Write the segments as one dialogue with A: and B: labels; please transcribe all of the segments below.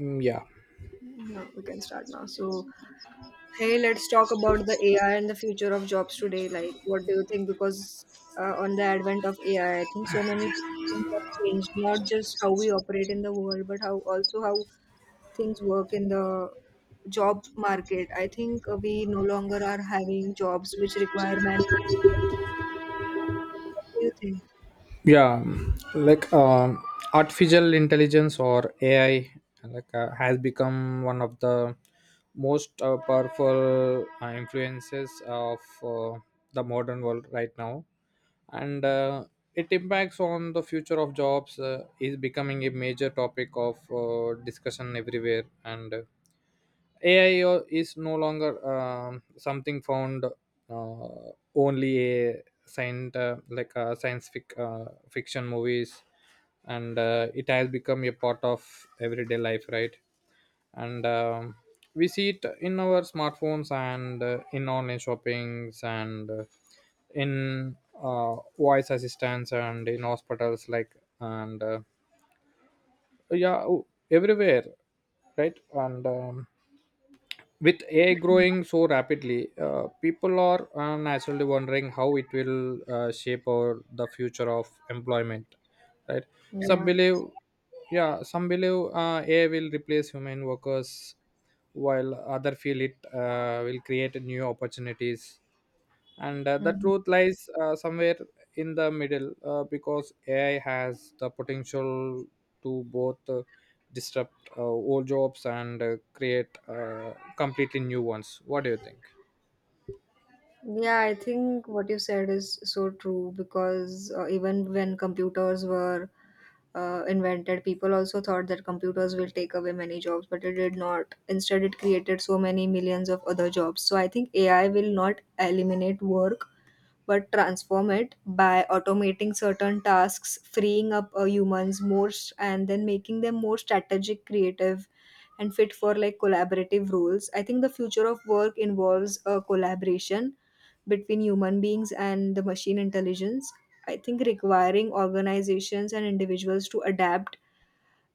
A: Mm, yeah
B: Yeah, we can start now. So, hey, let's talk about the AI and the future of jobs today. Like, what do you think? Because on the advent of AI, I think so many things have changed. Not just how we operate in the world, but how also how things work in the job market. I think we no longer are having jobs which require manual. What do you think?
A: yeah like um, Artificial intelligence or ai has become one of the most powerful influences of the modern world right now and It impacts on the future of jobs is becoming a major topic of discussion everywhere and AI is no longer something found only a science fiction movies, and it has become a part of everyday life, right? And We see it in our smartphones and in online shoppings and in voice assistants and in hospitals, like and yeah, everywhere, right? And With AI growing so rapidly, people are naturally wondering how it will shape the future of employment, right? Some
B: Yeah.
A: believe, yeah, some believe AI will replace human workers, while other feel it will create new opportunities and The
B: Mhm.
A: truth lies somewhere in the middle because ai has the potential to both disrupt old jobs and create completely new ones. What do you think?
B: Yeah, I think what you said is so true because even when computers were invented, people also thought that computers will take away many jobs, but it did not. Instead, it created so many millions of other jobs. So I think AI will not eliminate work, but transform it by automating certain tasks, freeing up humans and then making them more strategic, creative, and fit for like collaborative roles. I think the future of work involves a collaboration between human beings and the machine intelligence. I think requiring organizations and individuals to adapt,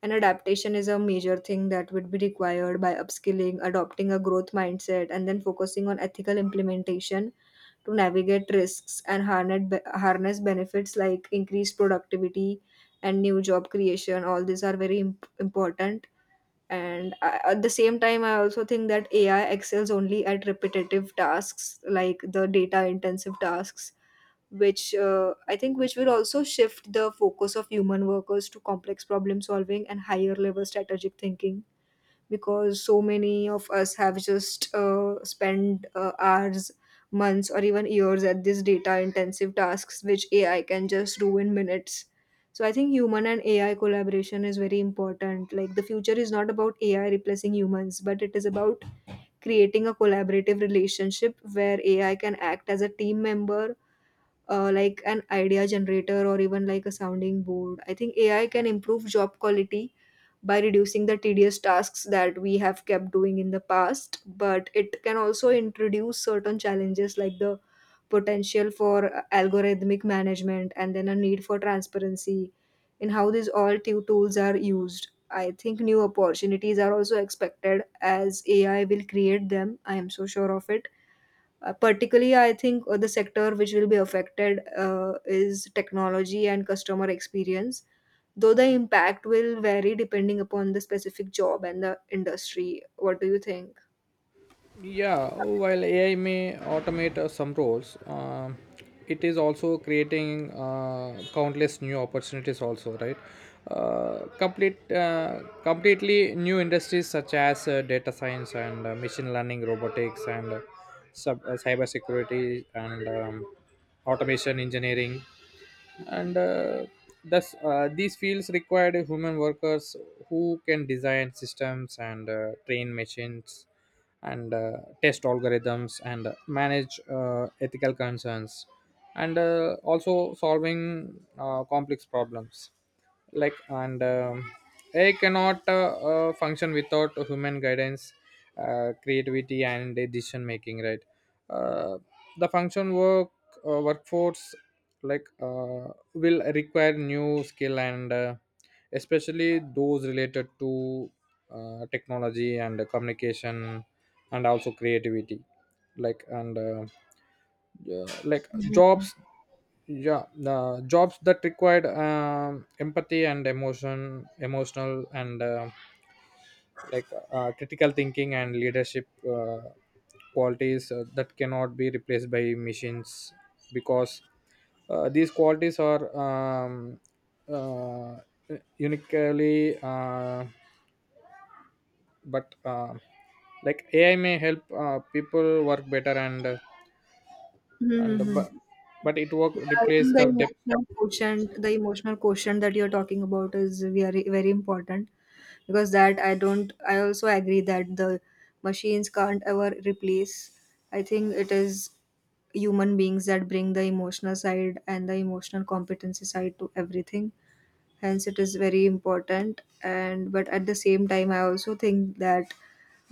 B: and adaptation is a major thing that would be required by upskilling, adopting a growth mindset, and then focusing on ethical implementation to navigate risks and harness benefits like increased productivity and new job creation. All these are very important. And I, at the same time, I also think that ai excels only at repetitive tasks like the data intensive tasks which I think which will also shift the focus of human workers to complex problem solving and higher level strategic thinking, because so many of us have just spent hours, months, or even years at these data intensive tasks which ai can just do in minutes. So I think human and ai collaboration is very important. Like the future is not about ai replacing humans, but it is about creating a collaborative relationship where ai can act as a team member, like an idea generator or even like a sounding board. I think AI can improve job quality by reducing the tedious tasks that we have kept doing in the past, but it can also introduce certain challenges like the potential for algorithmic management and then a need for transparency in how these all two tools are used. I think new opportunities are also expected as AI will create them. I am so sure of it. Particularly, I think the sector which will be affected is technology and customer experience, though the impact will vary depending upon the specific job and the industry. What do you think?
A: Yeah, while AI may automate some roles, it is also creating countless new opportunities. Also, right? Completely new industries such as data science and machine learning, robotics, and cyber security and automation engineering and thus these fields required human workers who can design systems and train machines and test algorithms and manage ethical concerns and also solving complex problems. Like and AI cannot function without human guidance, creativity, and decision making. Right, uh, the function work workforce like uh, will require new skill and especially those related to technology and communication and also creativity. Like and yeah, like
B: Mhm.
A: Jobs, yeah, the jobs that required empathy and emotion emotional and critical thinking and leadership qualities that cannot be replaced by machines, because these qualities are uh, uniquely but Like ai may help people work better and
B: Mhm.
A: but it work
B: Yeah, I think
A: replace the depth.
B: the emotional quotient that you're talking about is very, very important, because that I don't I also agree that the machines can't ever replace. I think it is human beings that bring the emotional side and the emotional competency side to everything, hence it is very important. And but at the same time I also think that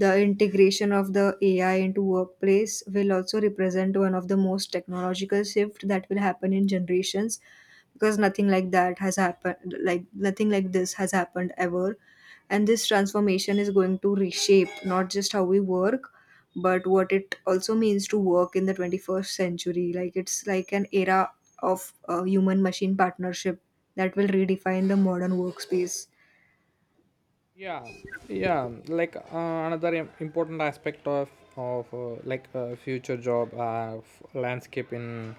B: the integration of the ai into workplace will also represent one of the most technological shift that will happen in generations, because nothing like that has happened, like nothing like this has happened ever. And this transformation is going to reshape not just how we work, but what it also means to work in the 21st century. Like it's like an era of human machine partnership that will redefine the modern workspace.
A: yeah yeah like uh, Another important aspect of future job landscape in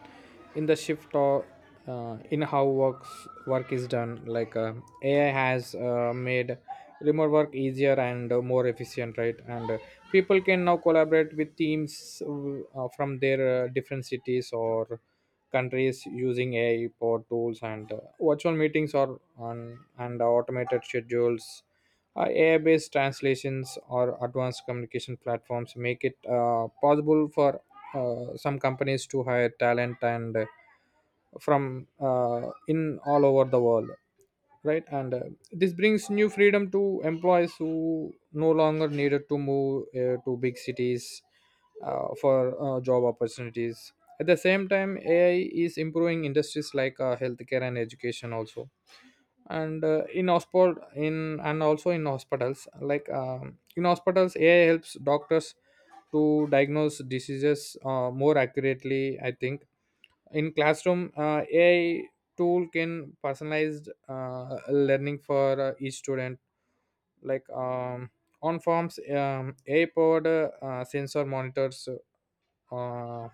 A: the shift or in how work is done. Ai has made remote work easier and more efficient, right? and People can now collaborate with teams from their different cities or countries using ai powered tools and virtual meetings or on and automated schedules. AI-based translations or advanced communication platforms make it possible for some companies to hire talent and from in all over the world, right? And This brings new freedom to employees who no longer needed to move to big cities for job opportunities. At the same time, AI is improving industries like healthcare and education also and in hospital in and also in hospitals. In hospitals ai helps doctors to diagnose diseases more accurately, I think. In classroom ai tool can personalized learning for each student. like um, on forms ai powered sensor monitors uh,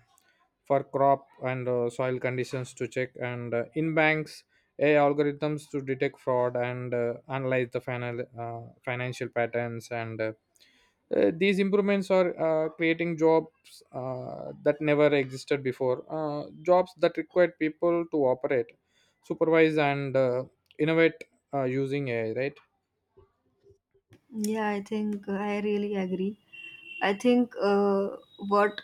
A: for crop and soil conditions to check, and in banks AI algorithms to detect fraud and analyze the financial patterns and These improvements are creating jobs that never existed before, jobs that required people to operate, supervise, and innovate using ai, right?
B: Yeah, I think I really agree. I think what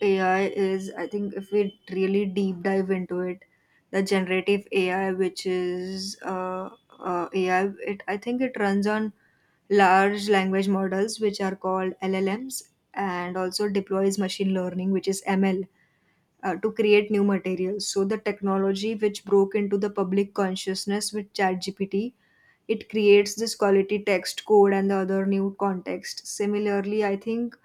B: AI is, I think if we really deep dive into it, the generative AI, which is AI, it I think it runs on large language models, which are called LLMs, and also deploys machine learning, which is ML, to create new materials. So the technology which broke into the public consciousness with ChatGPT, it creates this quality text, code, and the other new context. Similarly, I think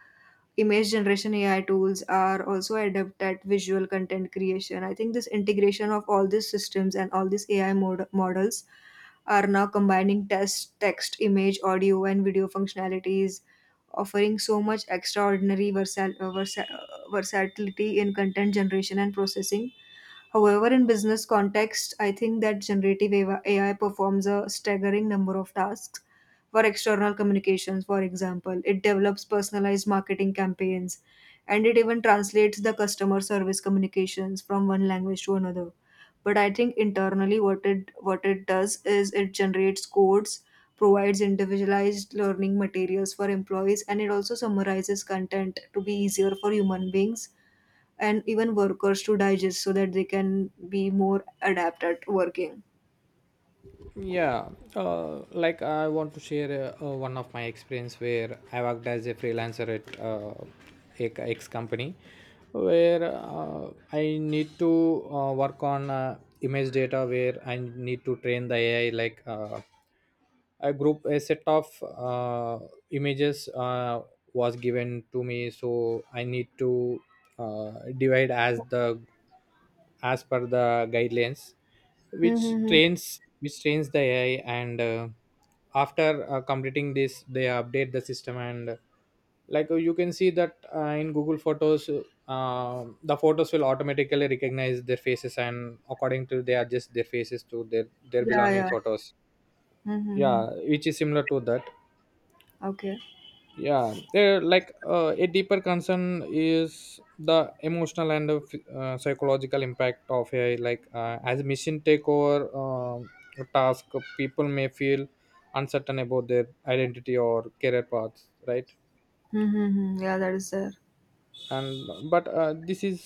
B: image generation AI tools are also adept at visual content creation. I think this integration of all these systems and all these models are now combining text, image, audio, and video functionalities, offering so much extraordinary versatility in content generation and processing. However, in business context, I think that generative AI performs a staggering number of tasks. For external communications, for example, it develops personalized marketing campaigns, and it even translates the customer service communications from one language to another. But I think internally, what it does is it generates codes, provides individualized learning materials for employees, and it also summarizes content to be easier for human beings and even workers to digest so that they can be more adept at working.
A: Yeah, I want to share one of my experience where I worked as a freelancer at a X company, where I need to work on image data where I need to train the AI. Like uh, a set of images was given to me, so I need to uh, divide as per the guidelines
B: Mm-hmm.
A: which trains the ai. And After completing this they update the system, and you can see that in google photos the photos will automatically recognize their faces and according to they adjust their faces to their
B: Yeah,
A: belonging
B: yeah.
A: photos, yeah,
B: Mm-hmm.
A: which is similar to that.
B: Okay.
A: Yeah. A deeper concern is the emotional and psychological impact of ai. As mission take over task, people may feel uncertain about their identity or career paths, right?
B: Mm-hmm. Yeah, that is there.
A: and But this is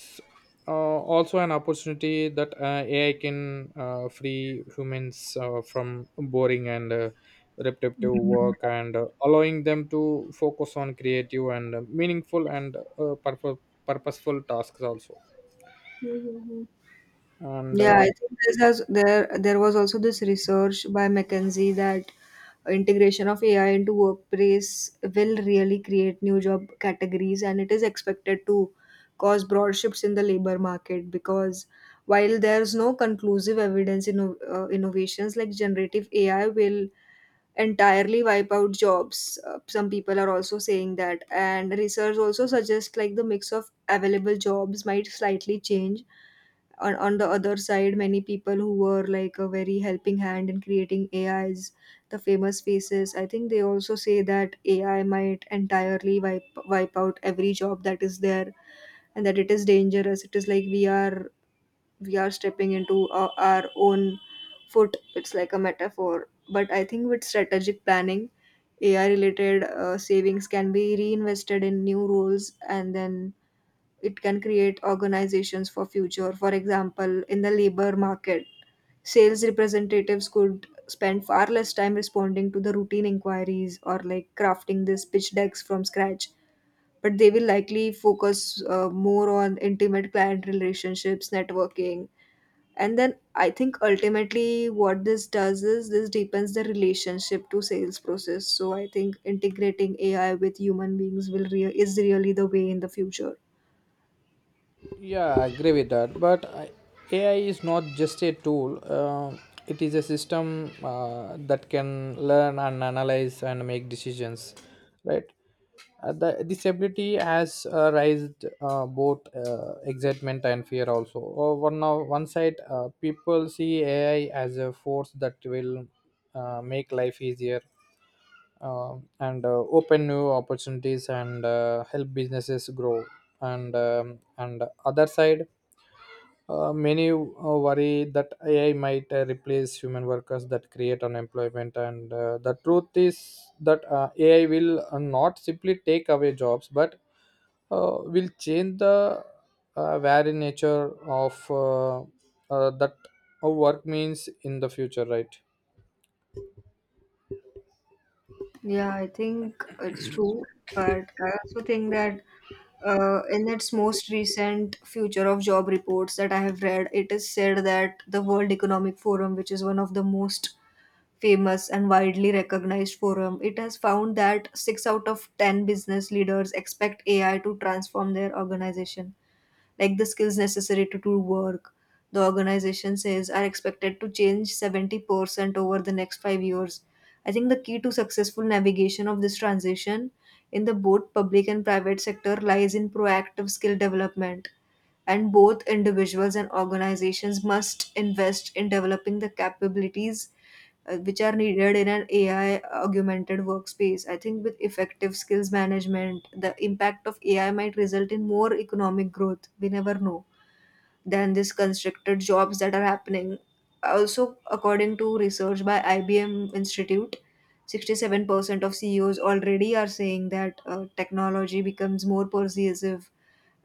A: also an opportunity that ai can free humans from boring and repetitive work and allowing them to focus on creative and meaningful and purposeful tasks also
B: Mm-hmm.
A: and
B: Yeah, I think this has there was also this research by McKinsey that integration of AI into workplace will really create new job categories, and it is expected to cause broad shifts in the labor market. Because while there's no conclusive evidence in innovations like generative AI will entirely wipe out jobs, some people are also saying that, and research also suggests like the mix of available jobs might slightly change. On the other side, many people who were like a very helping hand in creating ais, the famous faces, I think they also say that ai might entirely wipe out every job that is there, and that it is dangerous. It is like we are, we are stepping into our own foot. It's like a metaphor. But I think with strategic planning, ai related savings can be reinvested in new roles, and then it can create organizations for future. For example, in the labor market, sales representatives could spend far less time responding to the routine inquiries or like crafting these pitch decks from scratch, but they will likely focus more on intimate client relationships, networking. And then I think ultimately what this does is this deepens the relationship to sales process. So I think integrating ai with human beings will is really the way in the future.
A: Yeah, I agree with that. AI is not just a tool, it is a system that can learn and analyze and make decisions, right? This ability has raised both excitement and fear also. Oh, one one, now, one side, people see AI as a force that will make life easier and open new opportunities and help businesses grow, and other side many worry that ai might replace human workers, that create unemployment. And The truth is that ai will not simply take away jobs, but will change the very nature of that work means in the future, right?
B: Yeah, I think it's true, but I also think that in its most recent future of job reports that I have read, it is said that the World Economic Forum, which is one of the most famous and widely recognized forum, it has found that six out of ten business leaders expect AI to transform their organization. Like the skills necessary to do work, the organization says, are expected to change 70% over the next 5 years. I think the key to successful navigation of this transition in the both public and private sector lies in proactive skill development, and both individuals and organizations must invest in developing the capabilities which are needed in an AI augmented workspace. I think with effective skills management, the impact of AI might result in more economic growth, we never know, than this constricted jobs that are happening. Also, according to research by IBM Institute, 67% of CEOs already are saying that technology becomes more persuasive,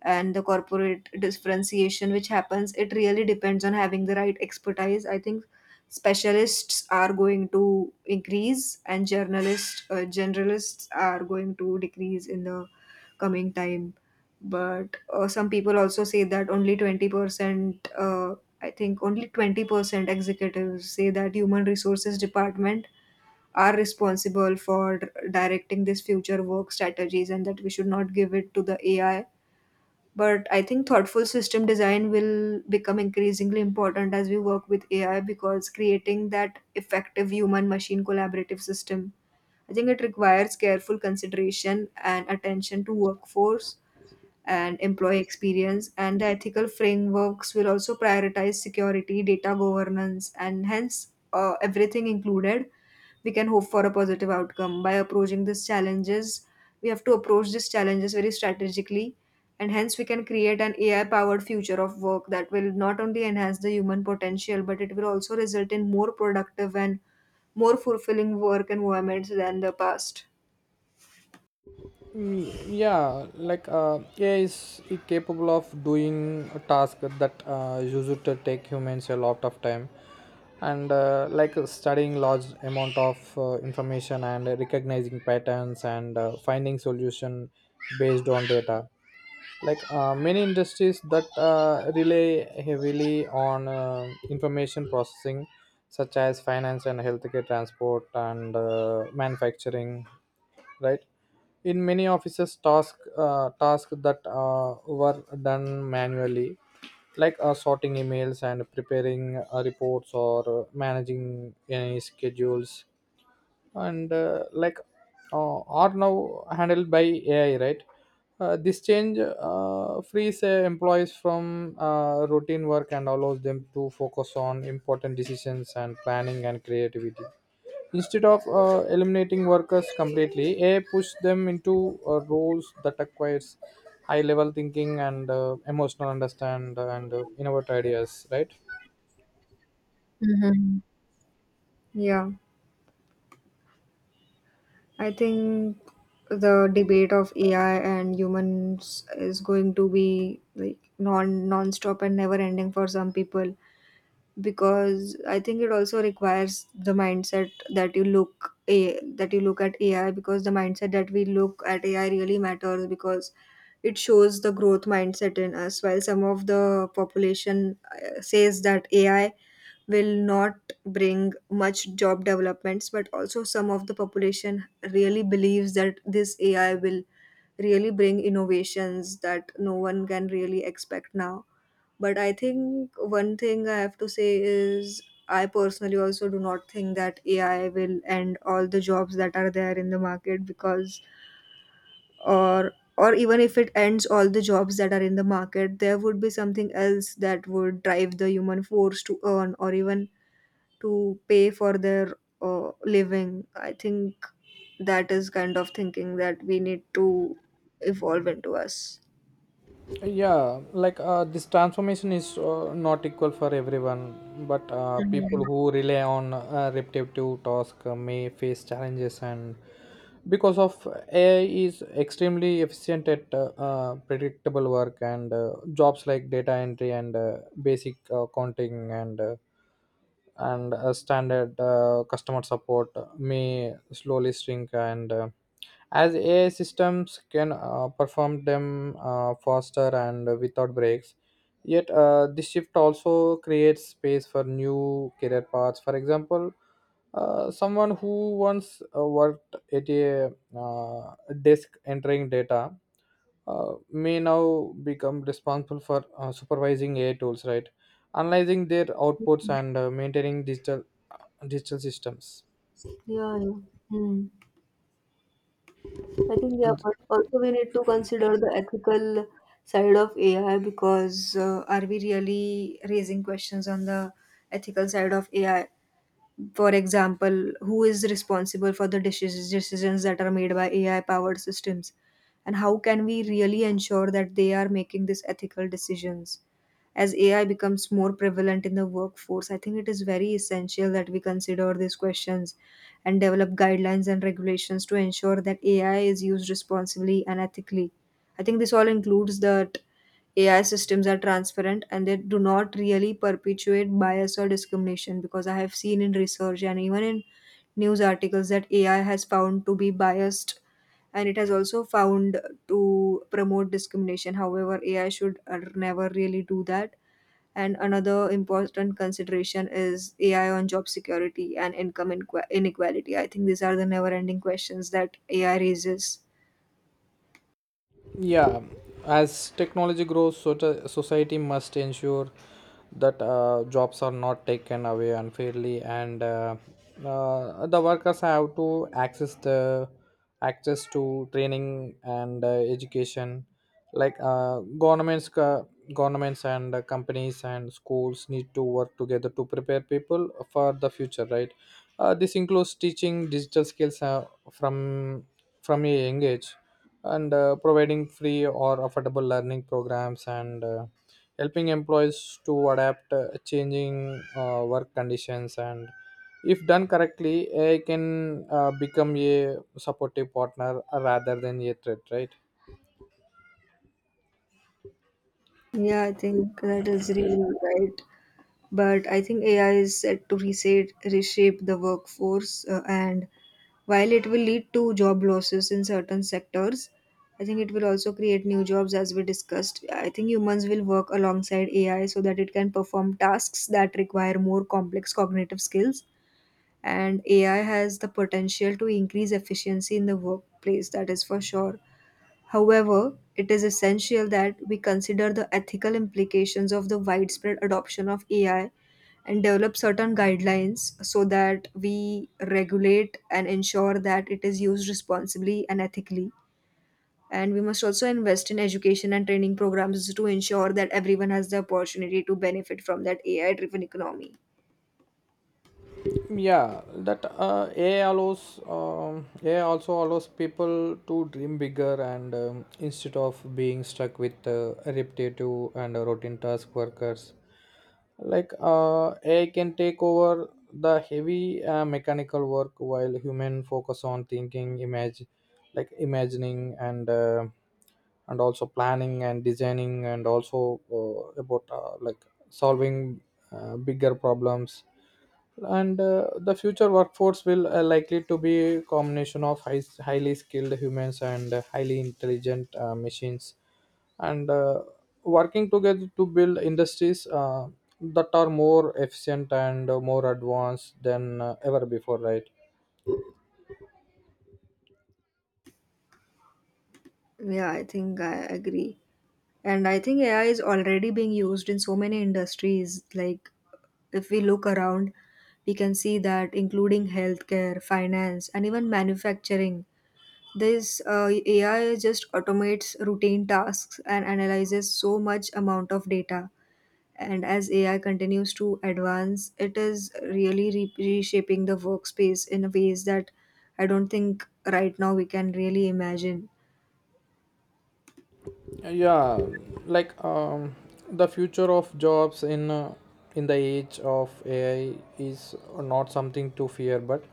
B: and the corporate differentiation which happens, it really depends on having the right expertise. I think specialists are going to increase, and journalists generalists are going to decrease in the coming time. But some people also say that only 20% I think only 20% executives say that human resources department are responsible for directing this future work strategies, and that we should not give it to the ai. But I think thoughtful system design will become increasingly important as we work with ai, because creating that effective human machine collaborative system, I think it requires careful consideration and attention to workforce and employee experience. And the ethical frameworks will also prioritize security, data governance, and hence everything included. We can hope for a positive outcome by approaching these challenges. We have to approach these challenges very strategically, and hence we can create an AI powered future of work that will not only enhance the human potential, but it will also result in more productive and more fulfilling work environments than the past.
A: Mm, yeah. Ai is capable of doing a task that used to take humans a lot of time, and studying large amount of information and recognizing patterns and finding solution based on data. Many industries that rely heavily on information processing, such as finance and healthcare, transport and manufacturing, right? In many offices tasks that were done manually, sorting emails and preparing reports or managing any schedules and like are now handled by AI, right? This change frees employees from routine work and allows them to focus on important decisions and planning and creativity. Instead of eliminating workers completely, AI pushes them into roles that requires high-level thinking and emotional understand and innovative ideas, right?
B: Mhm. Yeah. I think the debate of AI and humans is going to be like non-stop and never ending for some people because I think it also requires the mindset that you look a that you look at AI because the mindset that we look at AI really matters because it shows the growth mindset in us, while some of the population says that AI will not bring much job developments, but also some of the population really believes that this AI will really bring innovations that no one can really expect now. But I think one thing I have to say is I personally also do not think that AI will end all the jobs that are there in the market, because or even if it ends all the jobs that are in the market, there would be something else that would drive the human force to earn or even to pay for their living. I think that is kind of thinking that we need to evolve into us.
A: This transformation is not equal for everyone, but
B: Mhm.
A: people who rely on repetitive tasks may face challenges and because of ai is extremely efficient at predictable work, and jobs like data entry and basic accounting and standard customer support may slowly shrink, and as ai systems can perform them faster and without breaks. Yet this shift also creates space for new career paths. For example, someone who once worked at a uh, desk entering data may now become responsible for supervising AI tools, right? Analyzing their outputs and maintaining digital systems.
B: Yeah, yeah. Hmm. I think, yeah, but also we need to consider the ethical side of AI, because are we really raising questions on the ethical side of AI? For example, who is responsible for the decisions that are made by AI powered systems, and how can we really ensure that they are making these ethical decisions? As AI becomes more prevalent in the workforce, I think it is very essential that we consider these questions and develop guidelines and regulations to ensure that AI is used responsibly and ethically. I think this all includes that AI systems are transparent and they do not really perpetuate bias or discrimination, because I have seen in research and even in news articles that AI has found to be biased and it has also found to promote discrimination. However, AI should never really do that. And another important consideration is AI on job security and income inqu- inequality. I think these are the never ending questions that AI raises.
A: Yeah, as technology grows, so society must ensure that jobs are not taken away unfairly, and the workers have to access the access to training and education. Like governments and companies and schools need to work together to prepare people for the future. Right. This includes teaching digital skills from from a young age, and providing free or affordable learning programs and helping employees to adapt changing work conditions. And If done correctly, ai can become a supportive partner rather than a threat, right?
B: Yeah, I think that is really right. But I think AI is set to reset, reshape the workforce, and while it will lead to job losses in certain sectors, I think it will also create new jobs, as we discussed. I think humans will work alongside AI so that it can perform tasks that require more complex cognitive skills. And AI has the potential to increase efficiency in the workplace, that is for sure. However, it is essential that we consider the ethical implications of the widespread adoption of AI and develop certain guidelines so that we regulate and ensure that it is used responsibly and ethically. And we must also invest in education and training programs to ensure that everyone has the opportunity to benefit from that AI driven economy.
A: yeah that Ai allows, ai also allows people to dream bigger, and instead of being stuck with repetitive and routine task workers, ai can take over the heavy mechanical work, while human focus on thinking image, like imagining and also planning and designing, and also about like solving bigger problems. And The future workforce will likely to be a combination of highly skilled humans and highly intelligent machines and working together to build industries that are more efficient and more advanced than ever before, right?
B: Yeah, I think I agree. And I think AI is already being used in so many industries. Like, if we look around, we can see that, including healthcare, finance, and even manufacturing, this AI just automates routine tasks and analyzes so much amount of data. And as AI continues to advance, it is really re- reshaping the workspace in ways that I don't think right now we can really imagine.
A: yeah like um, the future of jobs in the age of ai is not something to fear, but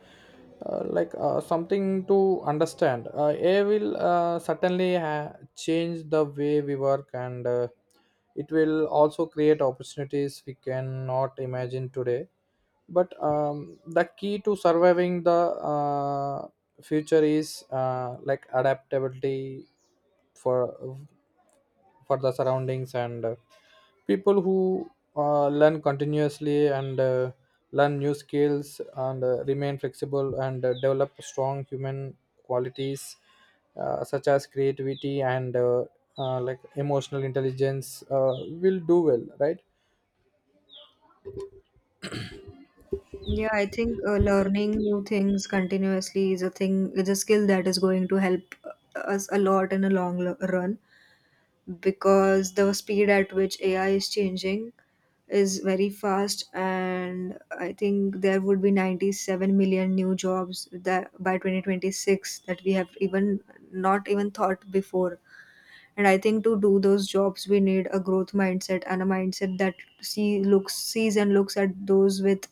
A: something to understand. Ai will certainly change the way we work, and it will also create opportunities we cannot imagine today. But the key to surviving the future is adaptability for the surroundings, and people who learn continuously and learn new skills and remain flexible and develop strong human qualities such as creativity and emotional intelligence will do well, right?
B: Yeah, I think learning new things continuously is a thing, is a skill that is going to help us a lot in a long lo- run, because the speed at which AI is changing is very fast, and I think there would be 97 million new jobs that by 2026 that we have even not even thought before. And I think to do those jobs, we need a growth mindset and a mindset that sees and looks at those with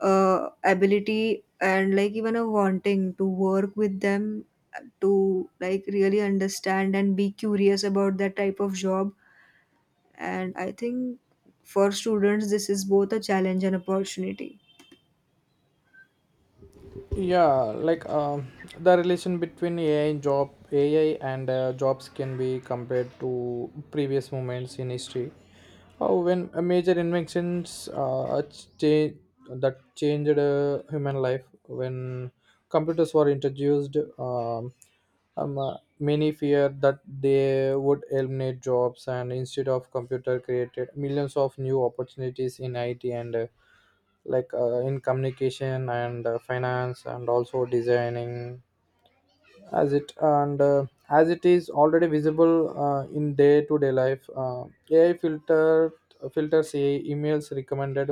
B: ability and like even a wanting to work with them to like really understand and be curious about that type of job. And I think for students, this is both a challenge and opportunity.
A: yeah like um, the relation between ai and jobs can be compared to previous moments in history, when major inventions change, that changed human life. When computers were introduced, many feared that they would eliminate jobs, and instead of computer created millions of new opportunities in it and in communication and finance and also designing. As it is already visible in day to day life, ai filter filters AI emails recommended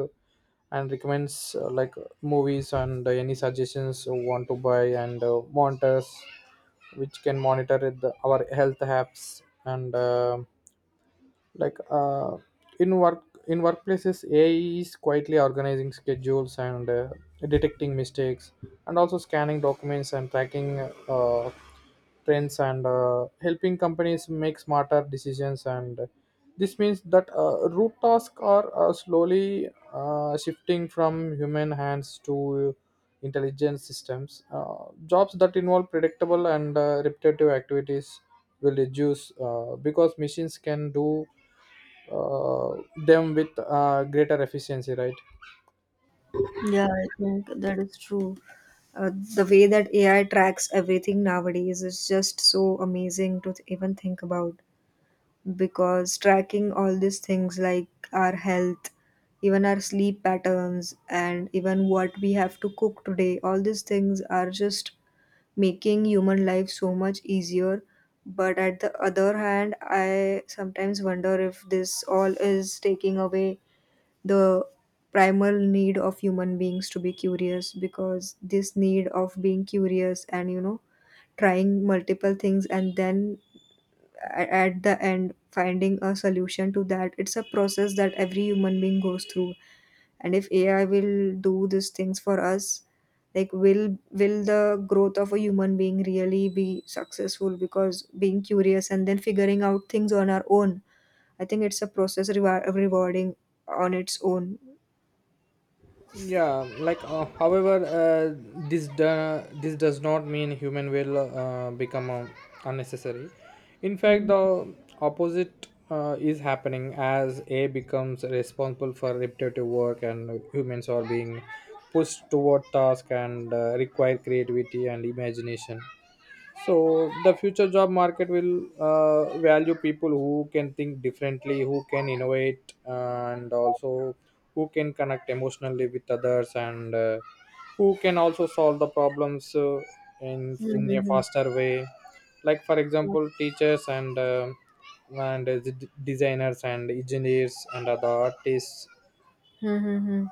A: and recommends movies and any suggestions you want to buy, and monitors which can monitor our health apps and like In workplaces ai is quietly organizing schedules and detecting mistakes and also scanning documents and tracking uh, trends and helping companies make smarter decisions. And This means that root tasks are slowly shifting from human hands to intelligent systems. Jobs that involve predictable and repetitive activities will reduce, because machines can do uh, them with greater efficiency, right?
B: Yeah, I think that is true. Uh, the way that AI tracks everything nowadays is just so amazing to th- even think about, because tracking all these things like our health, even our sleep patterns and even what we have to cook today, all these things are just making human life so much easier. But at the other hand, I sometimes wonder if this all is taking away the primal need of human beings to be curious, because this need of being curious and trying multiple things and then a- at the end finding a solution to that, it's a process that every human being goes through. And if AI will do these things for us, like will the growth of a human being really be successful? Because being curious and then figuring out things on our own, I think it's a process rewar- rewarding on its own.
A: However, this does not mean human will become unnecessary. In fact,
B: Mm-hmm.
A: the opposite is happening: as AI becomes responsible for repetitive work, and humans are being pushed toward task and require creativity and imagination. So the future job market will value people who can think differently, who can innovate, and also who can connect emotionally with others, and who can also solve the problems in a faster way. Like for example, teachers, designers and engineers and other artists.
B: Mm-hmm.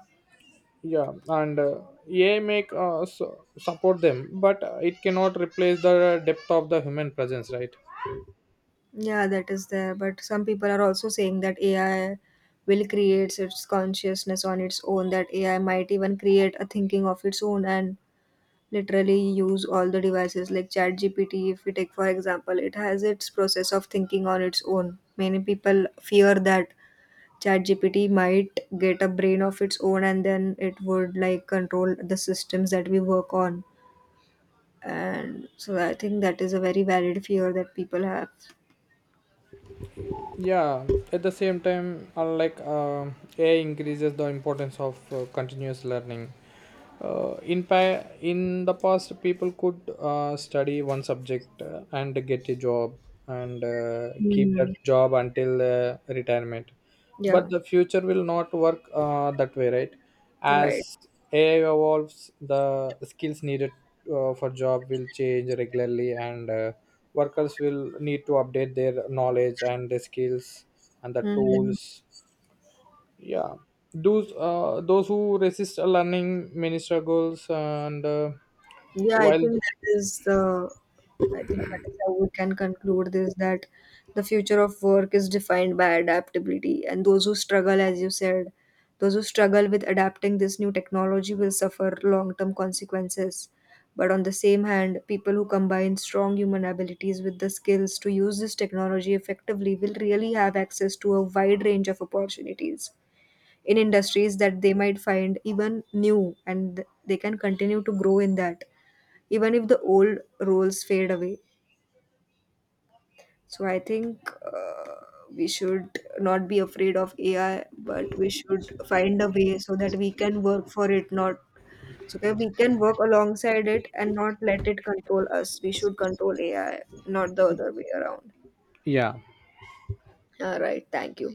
A: Yeah, and AI make support them, but it cannot replace the depth of the human presence, right?
B: Yeah, that is there, but some people are also saying that AI will create its consciousness on its own, that AI might even create a thinking of its own and literally use all the devices like ChatGPT. If we take for example, it has its process of thinking on its own. Many people fear that ChatGPT might get a brain of its own and then it would like control the systems that we work on. And so I think that is a very valid fear that people have.
A: Yeah, at the same time, unlike ai increases the importance of continuous learning. In the past people could study one subject and get a job and keep
B: Hmm.
A: that job until retirement, but
B: Yeah.
A: the future will not work that way, right? As
B: Right.
A: ai evolves, the skills needed for job will change regularly, and workers will need to update their knowledge and their skills and the
B: Mhm.
A: tools. Yeah, those who resist learning many struggles and
B: Yeah, I
A: while
B: think that is the, I think that is how we can conclude this, that the future of work is defined by adaptability, and those who struggle, as you said, those who struggle with adapting this new technology will suffer long-term consequences. But on the same hand, people who combine strong human abilities with the skills to use this technology effectively will really have access to a wide range of opportunities in industries that they might find even new, and they can continue to grow in that even if the old roles fade away. So I think we should not be afraid of AI, but we should find a way so that we can work for it, not so that we can work alongside it, and not let it control us. We should control AI, not the other way around.
A: Yeah
B: All right, thank you.